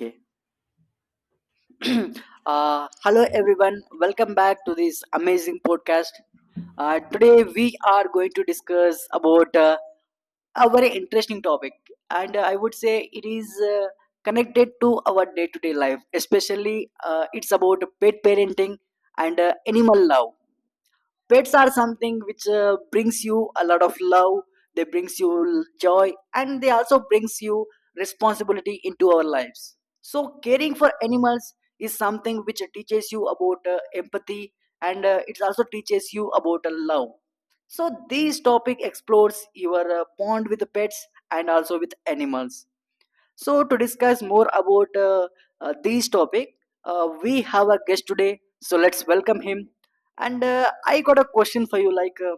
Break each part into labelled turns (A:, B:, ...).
A: Okay. Hello, everyone. Welcome back to this amazing podcast. Today, we are going to discuss about a very interesting topic, and I would say it is connected to our day-to-day life. Especially, it's about pet parenting and animal love. Pets are something which brings you a lot of love. They brings you joy, and they also brings you responsibility into our lives. So caring for animals is something which teaches you about empathy, and it also teaches you about love. So this topic explores your bond with pets and also with animals. So, to discuss more about this topic, we have a guest today. So, let's welcome him. And I got a question for you, like, uh,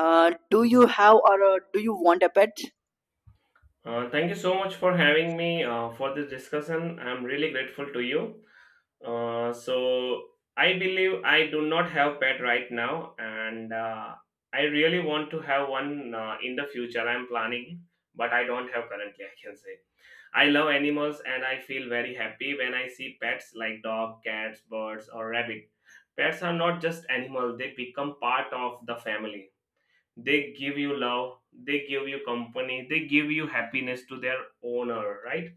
A: uh, do you have, or do you want a pet?
B: Thank you so much for having me for this discussion. I'm really grateful to you. Uh, so, I believe I do not have pet right now, and I really want to have one in the future. I'm planning, but I don't have currently, I can say. I love animals and I feel very happy when I see pets like dog, cats, birds, or rabbit. Pets are not just animals, they become part of the family. They give you love, they give you company, they give you happiness to their owner, right?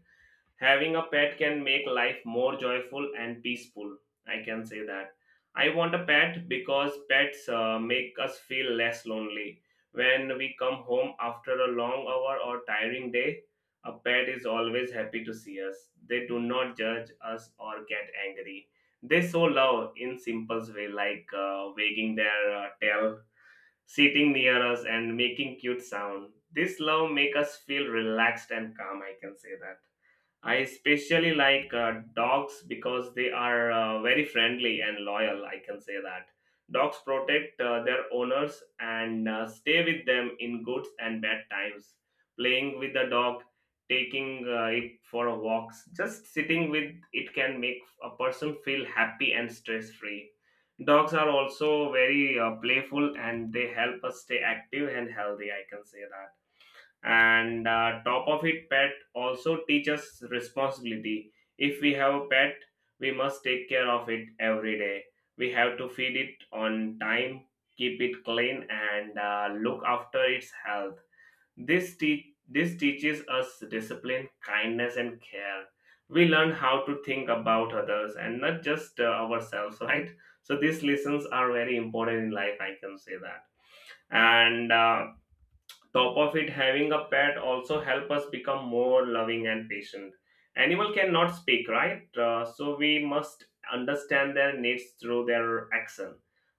B: Having a pet can make life more joyful and peaceful, I can say that. I want a pet because pets make us feel less lonely. When we come home after a long hour or tiring day, a pet is always happy to see us. They do not judge us or get angry. They show love in simple way like wagging their tail, sitting near us and making cute sound. This love make us feel relaxed and calm, I can say that. I especially like dogs because they are very friendly and loyal. I can say that. Dogs protect their owners and stay with them in good and bad times. Playing with the dog, taking it for a walk, just sitting with it can make a person feel happy and stress free. Dogs are also very playful and they help us stay active and healthy, I can say that. And top of it, pet also teaches responsibility. If we have a pet, we must take care of it every day. We have to feed it on time, keep it clean, and look after its health. This teaches us discipline, kindness, and care. We learn how to think about others and not just ourselves, right? So these lessons are very important in life, I can say that. And Top of it, having a pet also help us become more loving and patient. Animal cannot speak, right? So we must understand their needs through their action.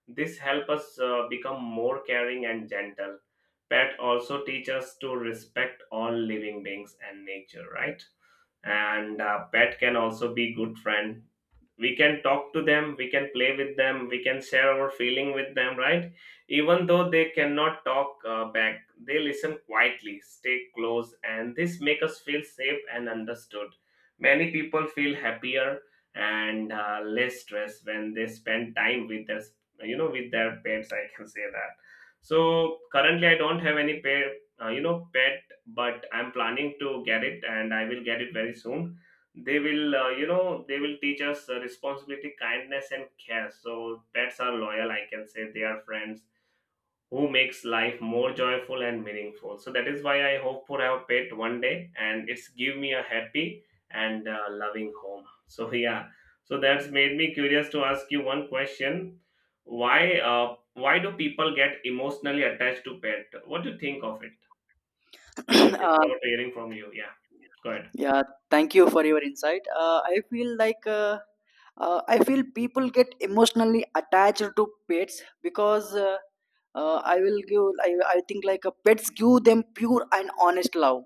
B: This help us become more caring and gentle. Pet also teach us to respect all living beings and nature, right? And pet can also be good friend. We can talk to them, we can play with them, we can share our feeling with them, right? Even though they cannot talk back, they listen quietly, stay close, and this make us feel safe and understood. Many people feel happier and less stressed when they spend time with their with their pets, I can say that. So currently I don't have any pet, pet, but I'm planning to get it and I will get it very soon. They will they will teach us responsibility, kindness, and care. So pets are loyal, I can say, they are friends who makes life more joyful and meaningful. So that is why I hope for our pet one day, and it's give me a happy and loving home, so yeah. So that's made me curious to ask you one question. Why do people get emotionally attached to pet? What do you think of it? We are looking
A: uh,
B: forward to hearing from you. Yeah, go ahead.
A: yeah, thank you for your insight. I feel like, I feel people get emotionally attached to pets because, I will give. I think, like, pets give them pure and honest love.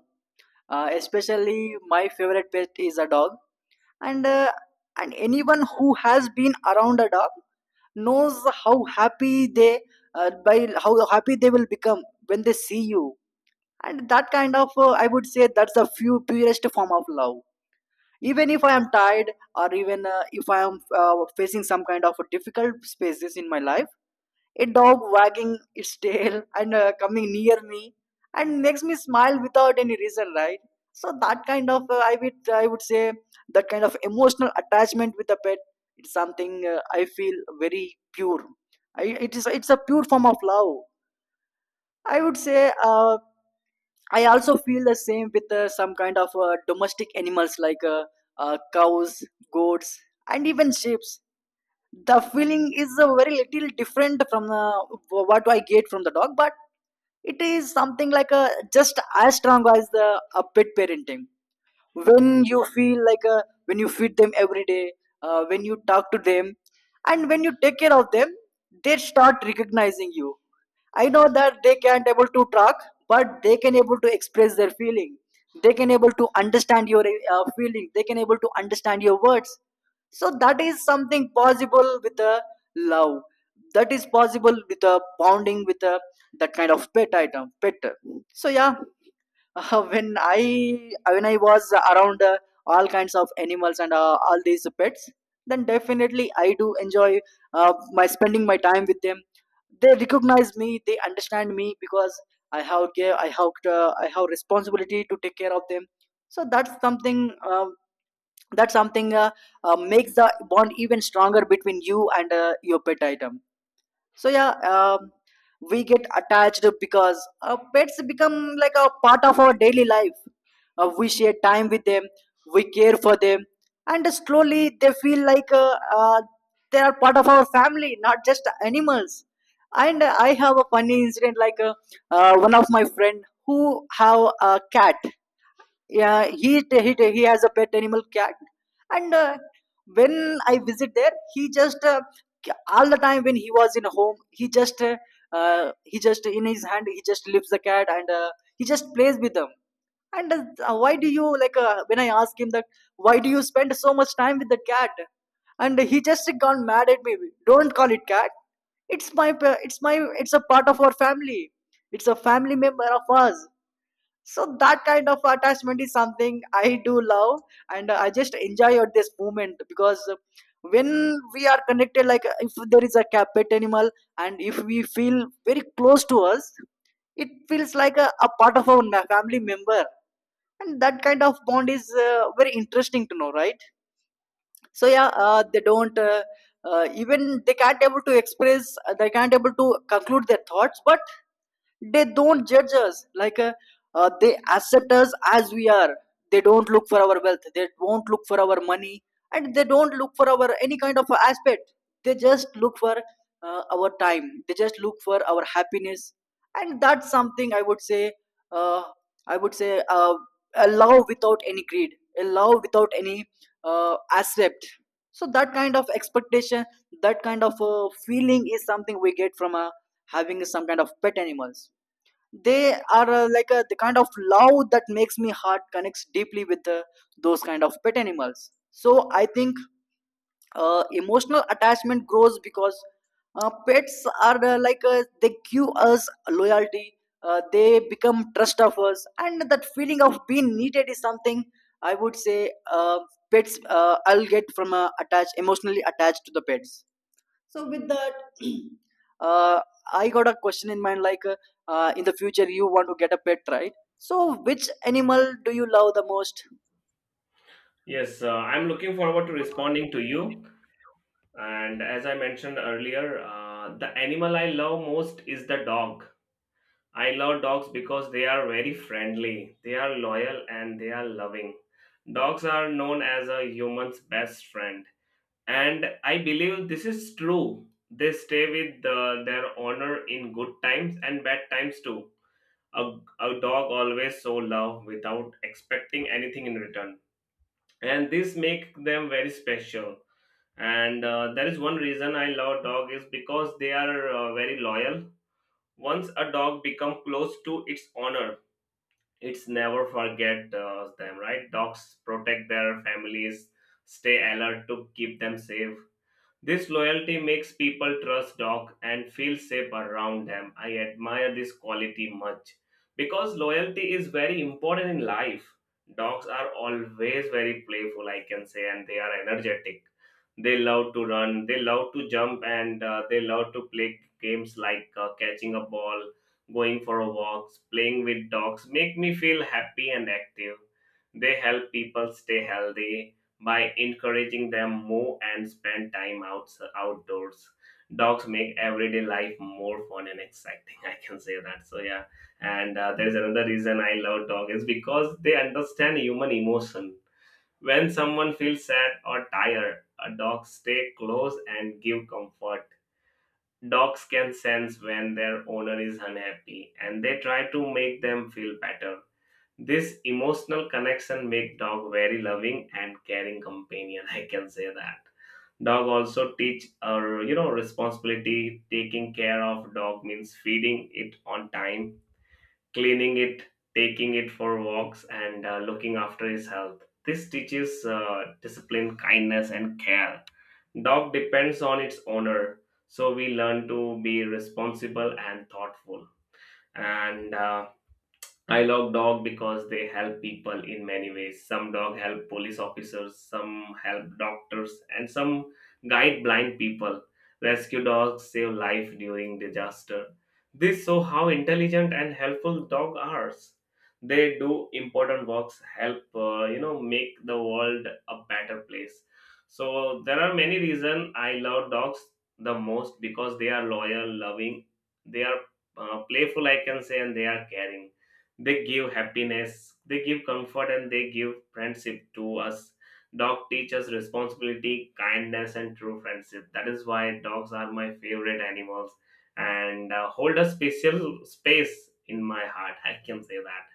A: Especially, my favorite pet is a dog, and and anyone who has been around a dog knows how happy they by how happy they will become when they see you. And that kind of, I would say, that's the few purest form of love. Even if I am tired, or even if I am facing some kind of difficult spaces in my life, a dog wagging its tail and coming near me and makes me smile without any reason, right? So that kind of, I would say, that kind of emotional attachment with a pet, it's something, I feel very pure. It is it's a pure form of love, I would say. uh, I also feel the same with some kind of domestic animals like, cows, goats, and even sheep. The feeling is a very little different from what I get from the dog, but it is something like a just as strong as the a pet parenting. When you feel like a, when you feed them every day, when you talk to them, and when you take care of them, they start recognizing you. I know that they can't able to talk, but they can able to express their feeling. They can able to understand your feeling. They can able to understand your words. So that is something possible with a love. That is possible with a bonding with a that kind of pet item, pet. So, yeah. When I was around all kinds of animals and all these pets, then definitely I do enjoy my spending my time with them. They recognize me, they understand me because I have care, I have responsibility to take care of them. So that's something, makes the bond even stronger between you and your pet item. So, yeah. Um, we get attached because pets become like a part of our daily life. We share time with them, we care for them, and slowly they feel like, they are part of our family, not just animals. And I have a funny incident, like, one of my friend who have a cat. Yeah, he, he has a pet animal cat. And when I visit there, he just all the time when he was in home, he just uh, in his hand, he just lifts the cat, and he just plays with them. And uh, why do you like? Uh, when I asked him that, "Why do you spend so much time with the cat?" And he just gone mad at me. "Don't call it cat. It's my. It's a part of our family. It's a family member of us." So that kind of attachment is something I do love, and I just enjoy at this moment because when we are connected, like if there is a cat, pet animal, and if we feel very close to us, it feels like a part of our family member. And that kind of bond is very interesting to know, right? So, yeah. They don't Even they can't able to express, they can't able to conclude their thoughts, but they don't judge us, like, they accept us as we are. They don't look for our wealth, they won't look for our money, and they don't look for our any kind of aspect. They just look for our time, they just look for our happiness. And that's something, uh, I would say, uh, a love without any greed, a love without any aspect. So that kind of expectation, that kind of feeling is something we get from having some kind of pet animals. They are like a, the kind of love that makes me heart connects deeply with those kind of pet animals. So I think emotional attachment grows because pets are, they give us loyalty. They become trust of us, and that feeling of being needed is something, I would say, pets, I'll get from, attached emotionally attached to the pets. So with that, uh, I got a question in mind. Like, in the future, you want to get a pet, right? So, which animal do you love the most?
B: Yes, I'm looking forward to responding to you. And as I mentioned earlier, the animal I love most is the dog. I love dogs because they are very friendly, they are loyal, and they are loving. Dogs are known as a human's best friend. And I believe this is true. They stay with their owner in good times and bad times too. A dog always show love without expecting anything in return, and this make them very special. And there is one reason I love dog is because they are very loyal. Once a dog become close to its owner, it's never forget them, right? Dogs protect their families, stay alert to keep them safe. This loyalty makes people trust dog and feel safe around them. I admire this quality much because loyalty is very important in life. Dogs are always very playful, I can say, and they are energetic. They love to run, they love to jump, and they love to play games like catching a ball, going for a walk, playing with dogs. Make me feel happy and active. They help people stay healthy by encouraging them more and spend time outdoors. Dogs make everyday life more fun and exciting, I can say that, so yeah. And there's another reason I love dogs. Is because they understand human emotion. When someone feels sad or tired, a dog stay close and give comfort. Dogs can sense when their owner is unhappy and they try to make them feel better. This emotional connection make dog very loving and caring companion. I can say that. Dog also teach our responsibility. Taking care of dog means feeding it on time, cleaning it, taking it for walks, and looking after his health. This teaches discipline, kindness, and care. Dog depends on its owner, so we learn to be responsible and thoughtful. And I love dog because they help people in many ways. Some dog help police officers, some help doctors, and some guide blind people. Rescue dogs save life during disaster. This show how intelligent and helpful dog are. They do important works, help make the world a better place. So there are many reasons I love dogs the most because they are loyal, loving, they are playful, I can say, and they are caring. They give happiness, they give comfort, and they give friendship to us. Dog teaches responsibility, kindness, and true friendship. That is why dogs are my favorite animals and hold a special space in my heart. I can say that.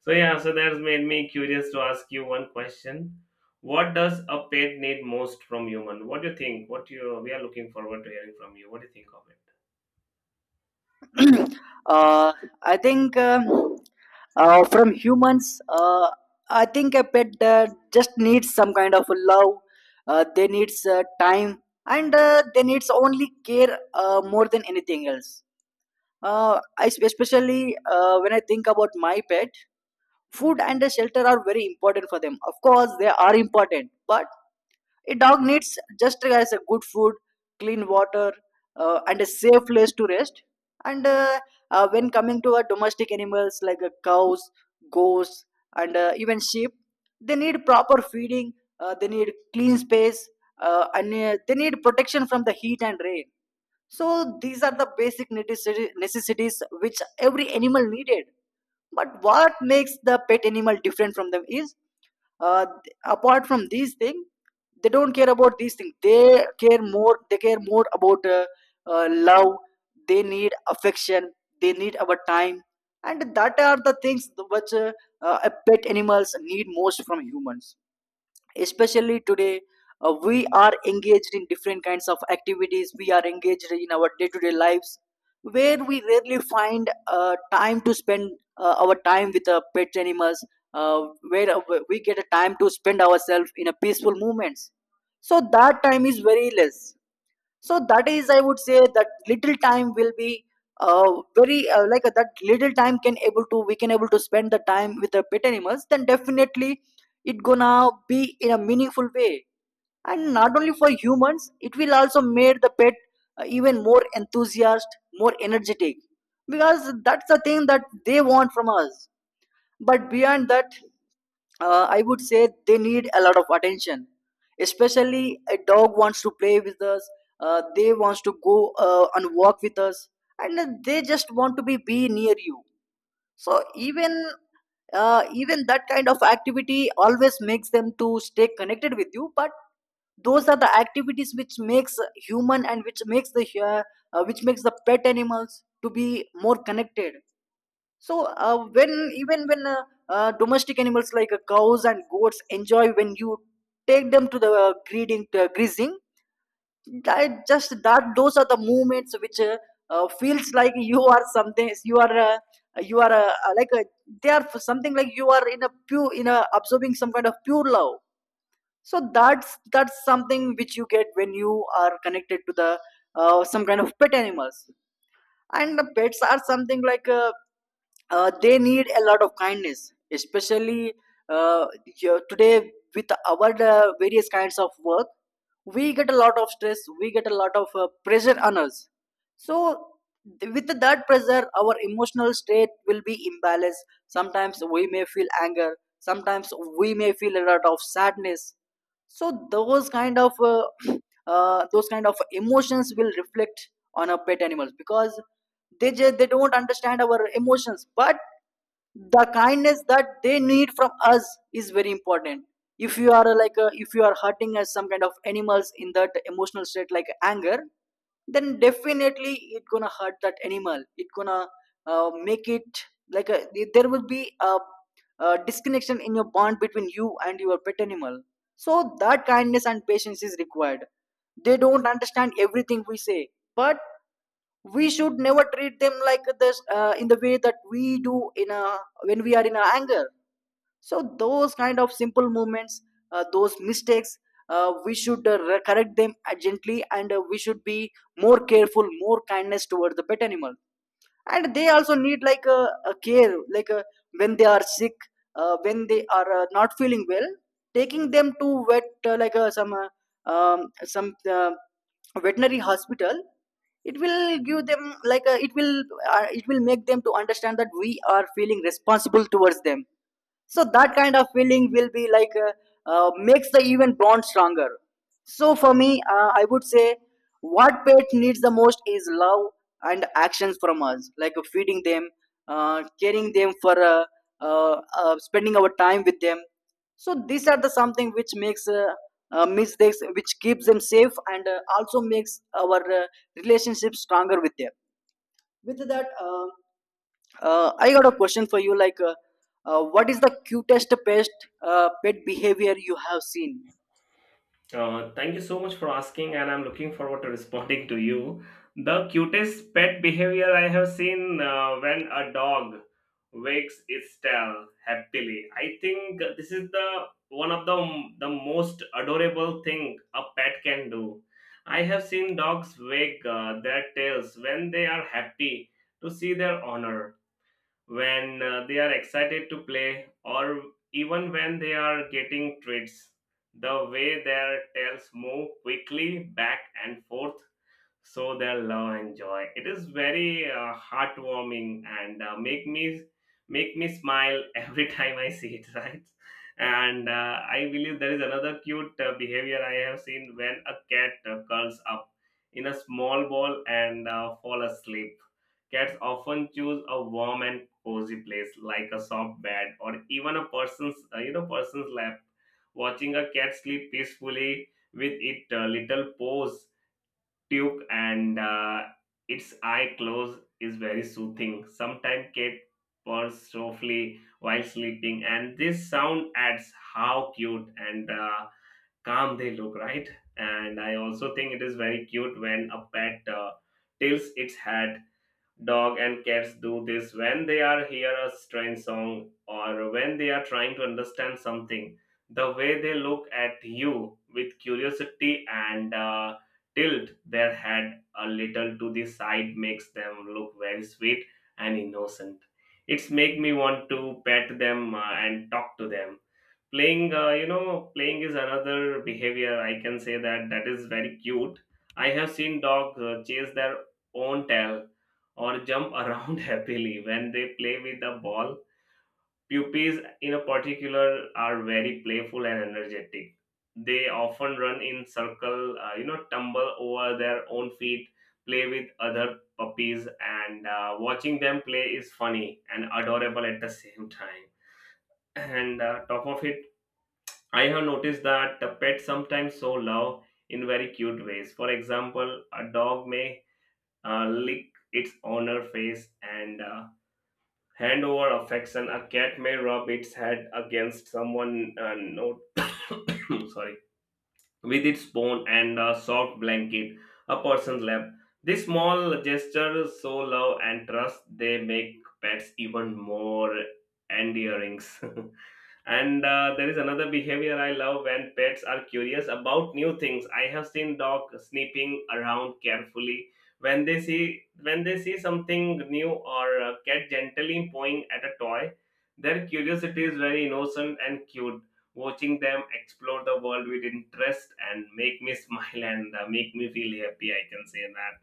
B: So, yeah, so that's made me curious to ask you one question. What does a pet need most from human? What do you think? What do you, we are looking forward to hearing from you? What do you think of it?
A: uh, I think, from humans, I think a pet just needs some kind of love. They needs time, and they needs only care more than anything else. Especially when I think about my pet, food and the shelter are very important for them. Of course they are important, but a dog needs just as a good food, clean water, and a safe place to rest. And when coming to our domestic animals like cows, goats, and even sheep, they need proper feeding, they need clean space, and they need protection from the heat and rain. So these are the basic necessities which every animal needed. But what makes the pet animal different from them is, uh, apart from these things, they don't care about these things, they care more about love. They need affection, they need our time, and that are the things which pet animals need most from humans. Especially today, we are engaged in different kinds of activities, we are engaged in our day-to-day lives, where we rarely find time to spend our time with the pet animals. Uh, where We get a time to spend ourselves in a peaceful moments, so that time is very less. So that is, I would say, that little time will be very like that little time can able to we can able to spend the time with the pet animals, then definitely it gonna be in a meaningful way. And not only for humans, it will also make the pet even more enthusiastic, more energetic, because that's the thing that they want from us. But beyond that, I would say they need a lot of attention. Especially, a dog wants to play with us. They wants to go and walk with us, and then they just want to be near you. So even that kind of activity always makes them to stay connected with you. But those are the activities which makes human and which makes the pet animals to be more connected. So when even when domestic animals like cows and goats enjoy when you take them to the breeding grazing, I just that those are the moments which feels like, you are they are something like you are in a pure in a absorbing some kind of pure love. So that's something which you get when you are connected to the some kind of pet animals, and the pets are something like they need a lot of kindness, especially uh, today, with our various kinds of work, we get a lot of stress, we get a lot of pressure on us. So with that pressure our emotional state will be imbalanced. Sometimes we may feel anger, sometimes we may feel a lot of sadness. So those kind of those kind of emotions will reflect on our pet animals, because they just, they don't understand our emotions, but the kindness that they need from us is very important. If you are if you are hurting as some kind of animals in that emotional state like anger, then definitely it gonna hurt that animal, it gonna make it like a, there will be a disconnection in your bond between you and your pet animal. So that kindness and patience is required. They don't understand everything we say, but we should never treat them like this, in the way that we do in a, when we are in a anger. So those kind of simple movements, those mistakes, we should correct them gently, and we should be more careful, more kindness toward the pet animal. And they also need a care like when they are sick, when they are not feeling well, taking them to vet, like some veterinary hospital. It will give them it will make them to understand that we are feeling responsible towards them. So that kind of feeling will be like makes the even bond stronger. So for me, I would say what pet needs the most is love, and actions from us like feeding them, caring them for uh, spending our time with them. So these are the something which makes mistakes which keeps them safe and also makes our relationship stronger with them. With that, I got a question for you. Like, what is the cutest pest pet behavior you have seen?
B: Thank you so much for asking, and I'm looking forward to responding to you. The cutest pet behavior I have seen when a dog wags its tail happily. I think this is the one of the most adorable thing a pet can do. I have seen dogs wag their tails when they are happy to see their owner, when they are excited to play, or even when they are getting treats. The way their tails move quickly back and forth, so they'll love and joy. It is very heartwarming and make me smile every time I see it. Right, and I believe there is another cute behavior I have seen when a cat curls up in a small ball and fall asleep. Cats often choose a warm and cozy place like a soft bed or even a person's you know person's lap. Watching a cat sleep peacefully with it little paws Duke and its eye close is very soothing. Sometimes Kate purrs softly while sleeping, and this sound adds how cute and calm they look, right? And I also think it is very cute when a pet tilts its head. Dog and cats do this when they are hear a strange song or when they are trying to understand something. The way they look at you with curiosity and tilt their head a little to the side makes them look very sweet and innocent. It's make me want to pet them and talk to them. Playing playing is another behavior, I can say that, that is very cute. I have seen dogs chase their own tail or jump around happily when they play with the ball. Puppies in a particular are very playful and energetic. They often run in circle, tumble over their own feet, play with other puppies, and watching them play is funny and adorable at the same time. And top of it, I have noticed that the pets sometimes show love in very cute ways. For example, a dog may lick its owner face and hand over affection. A cat may rub its head against someone, no, sorry, with its bone and a soft blanket, a person's lap. These small gestures show love and trust. They make pets even more endearing. And there is another behavior I love when pets are curious about new things. I have seen dog sniffing around carefully when they see, when they see something new, or a cat gently pawing at a toy. Their curiosity is very innocent and cute. Watching them explore the world with interest and make me smile and make me feel happy. I can say that.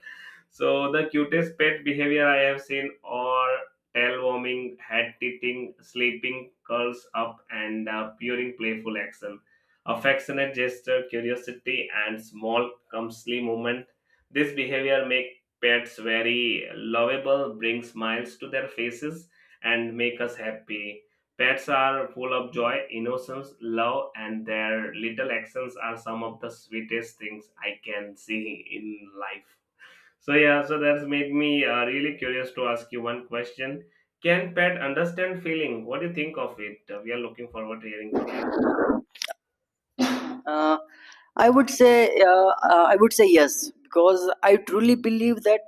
B: So the cutest pet behavior I have seen, or tail-warming, head tilting, sleeping, curls up, and purring playful action. Affectionate gesture, curiosity, and small, clumsy movement. This behavior make pets very lovable, bring smiles to their faces, and make us happy. Pets are full of joy, innocence, love, and their little actions are some of the sweetest things I can see in life. So yeah, so that's made me really curious to ask you one question. Can pet understand feeling? What do you think of it? We are looking forward to hearing from you.
A: Uh, I would say, I would say yes, because I truly believe that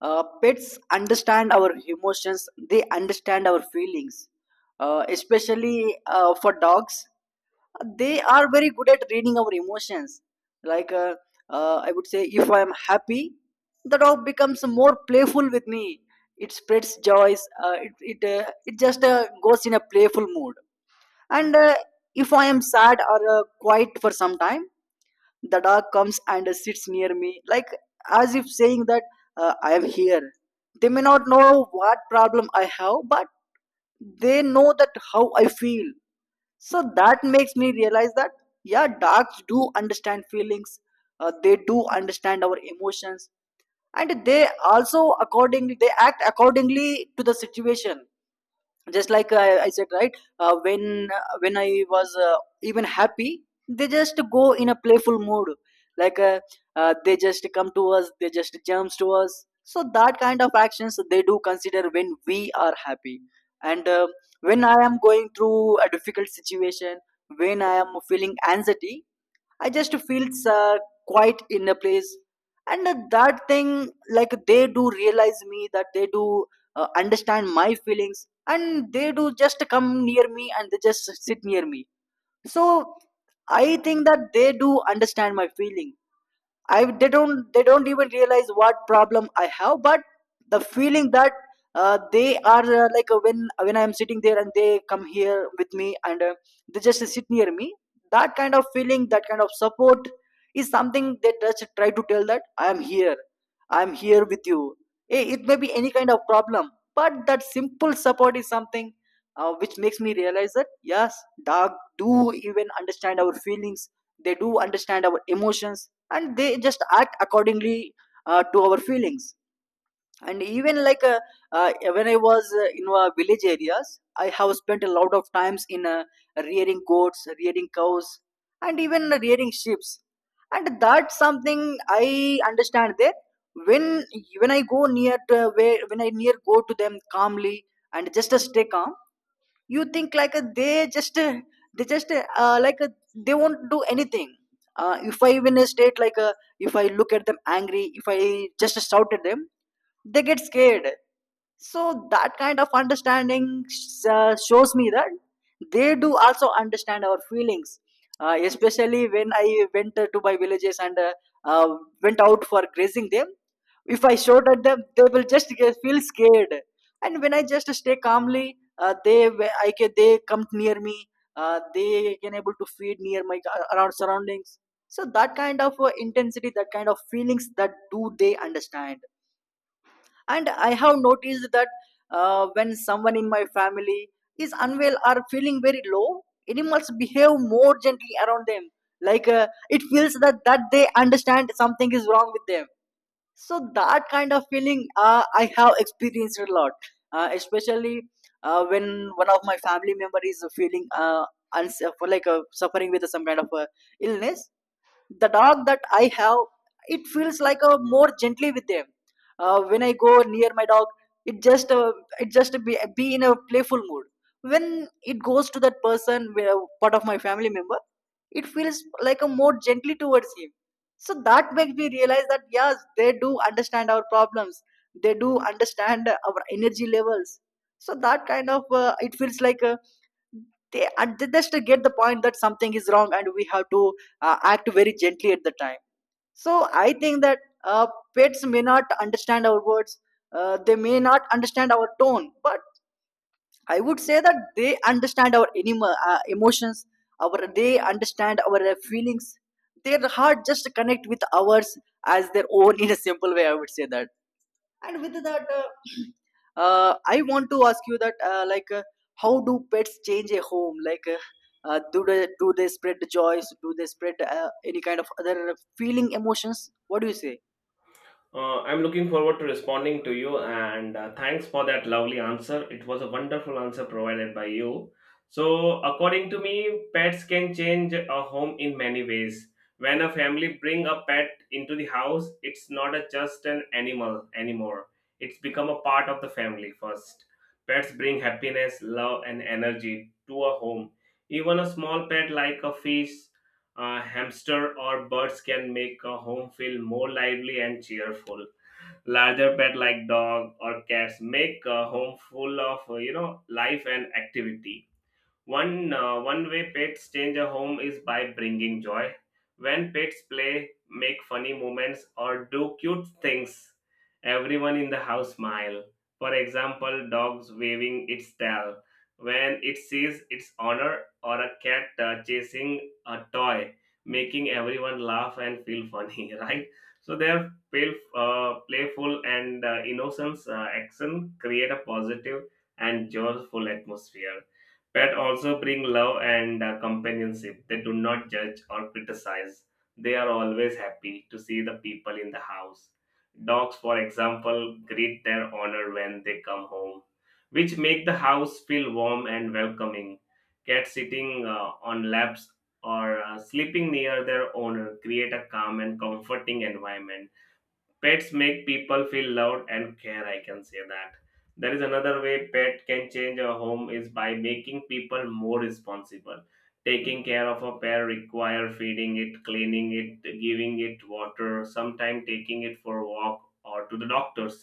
A: pets understand our emotions. They understand our feelings, especially for dogs. They are very good at reading our emotions. Like uh, I would say, if I am happy, the dog becomes more playful with me. It spreads joys. It it just goes in a playful mood. And if I am sad or quiet for some time, the dog comes and sits near me, like as if saying that I am here. They may not know what problem I have, but they know that how I feel. So that makes me realize that yeah, dogs do understand feelings. They do understand our emotions, and they also accordingly, they act accordingly to the situation. Just like I said, right, when I was even happy, they just go in a playful mood, like uh, they just come to us, they just jumps to us. So that kind of actions they do consider when we are happy. And when I am going through a difficult situation, when I am feeling anxiety, I just feel quite in a place. And that thing, like they do realize me, that they do understand my feelings, and they do just come near me and they just sit near me. So I think that they do understand my feeling. I they don't even realize what problem I have, but the feeling that they are like when I am sitting there and they come here with me and they just sit near me. That kind of feeling, that kind of support is something they just try to tell that I am here with you. Eh, it may be any kind of problem, but that simple support is something which makes me realize that yes, dog do even understand our feelings. They do understand our emotions, and they just act accordingly to our feelings. And even when I was in village areas, I have spent a lot of times in rearing goats, rearing cows, and even rearing sheep. And that's something I understand there. when when I go near to where when I near go to them calmly and just stay calm, you think like they just like they won't do anything. If I even state if I look at them angry, if I just shout at them, they get scared. So that kind of understanding shows me that they do also understand our feelings, especially when I went to my villages and uh, went out for grazing them. If I shout at them, they will just get, feel scared. And when I just stay calmly, I can, they come near me. They can able to feed near my around surroundings. So that kind of intensity, that kind of feelings that do they understand. And I have noticed that when someone in my family is unwell or feeling very low, animals behave more gently around them. It feels that that they understand something is wrong with them. So that kind of feeling I have experienced a lot, especially when one of my family member is feeling uns- suffering with some kind of illness, the dog that I have, it feels like a more gently with them. When I go near my dog, it just uh, it just be in a playful mood. When it goes to that person, part of my family member, it feels like a more gently towards him. So that makes me realize that yes, they do understand our problems, they do understand our energy levels. So that kind of it feels like they, and they just get the point that something is wrong and we have to act very gently at the time. So I think that uh, pets may not understand our words, they may not understand our tone, but I would say that they understand our emotions, our they understand our feelings. Their heart just connect with ours as their own in a simple way. I would say that. And with that, I want to ask you that, like, how do pets change a home? Like, do they, do they spread joys? Do they spread any kind of other feeling emotions? What do you say?
B: I'm looking forward to responding to you and thanks for that lovely answer. It was a wonderful answer provided by you. So, according to me, pets can change a home in many ways. When a family bring a pet into the house, it's not a just an animal anymore. It's become a part of the family first. Pets bring happiness, love and energy to a home. Even a small pet like a fish, hamster or birds can make a home feel more lively and cheerful. Larger pet like dog or cats make a home full of life and activity. One way pets change a home is by bringing joy. When pets play, make funny moments, or do cute things, everyone in the house smile. For example, dogs waving its tail when it sees its owner, or a cat chasing a toy, making everyone laugh and feel funny. Right? So their playful and innocence action create a positive and joyful atmosphere. Pets also bring love and companionship. They do not judge or criticize. They are always happy to see the people in the house. Dogs, for example, greet their owner when they come home, which make the house feel warm and welcoming. Cats sitting on laps or sleeping near their owner create a calm and comforting environment. Pets make people feel loved and care, I can say that. There is another way pet can change a home is by making people more responsible. Taking care of a pet require feeding it, cleaning it, giving it water, sometimes taking it for a walk or to the doctors.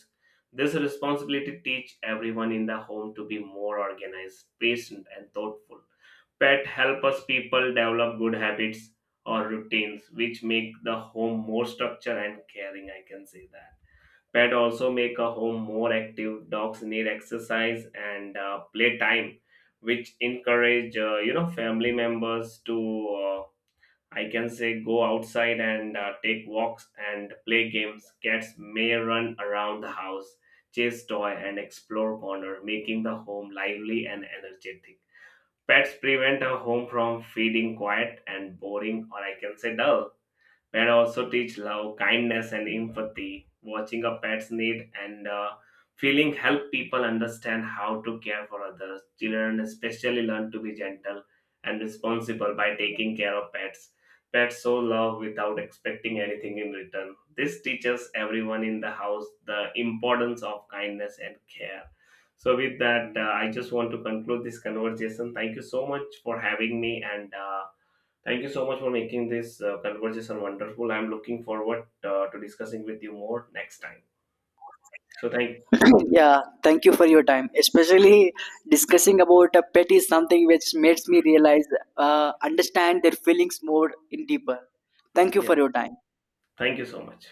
B: This responsibility teach everyone in the home to be more organized, patient and thoughtful. Pet help us people develop good habits or routines which make the home more structured and caring, I can say that. Pet also make a home more active. Dogs need exercise and play time, which encourage family members to uh, I can say go outside and take walks and play games. Cats may run around the house, chase toy and explore corner, making the home lively and energetic. Pets prevent a home from feeling quiet and boring, or I can say dull. Pet also teach love, kindness, and empathy. Watching a pet's need and feeling help people understand how to care for others. Children especially learn to be gentle and responsible by taking care of pets. Pets show love without expecting anything in return. This teaches everyone in the house the importance of kindness and care. So, with that, I just want to conclude this conversation. Thank you so much for having me and. Thank you so much for making this conversation wonderful. I'm looking forward to discussing with you more next time. So thank
A: Yeah, thank you for your time. Especially discussing about a pet is something which makes me realize, understand their feelings more in deeper. Thank you for
B: Yeah,
A: your time.
B: thank you so much.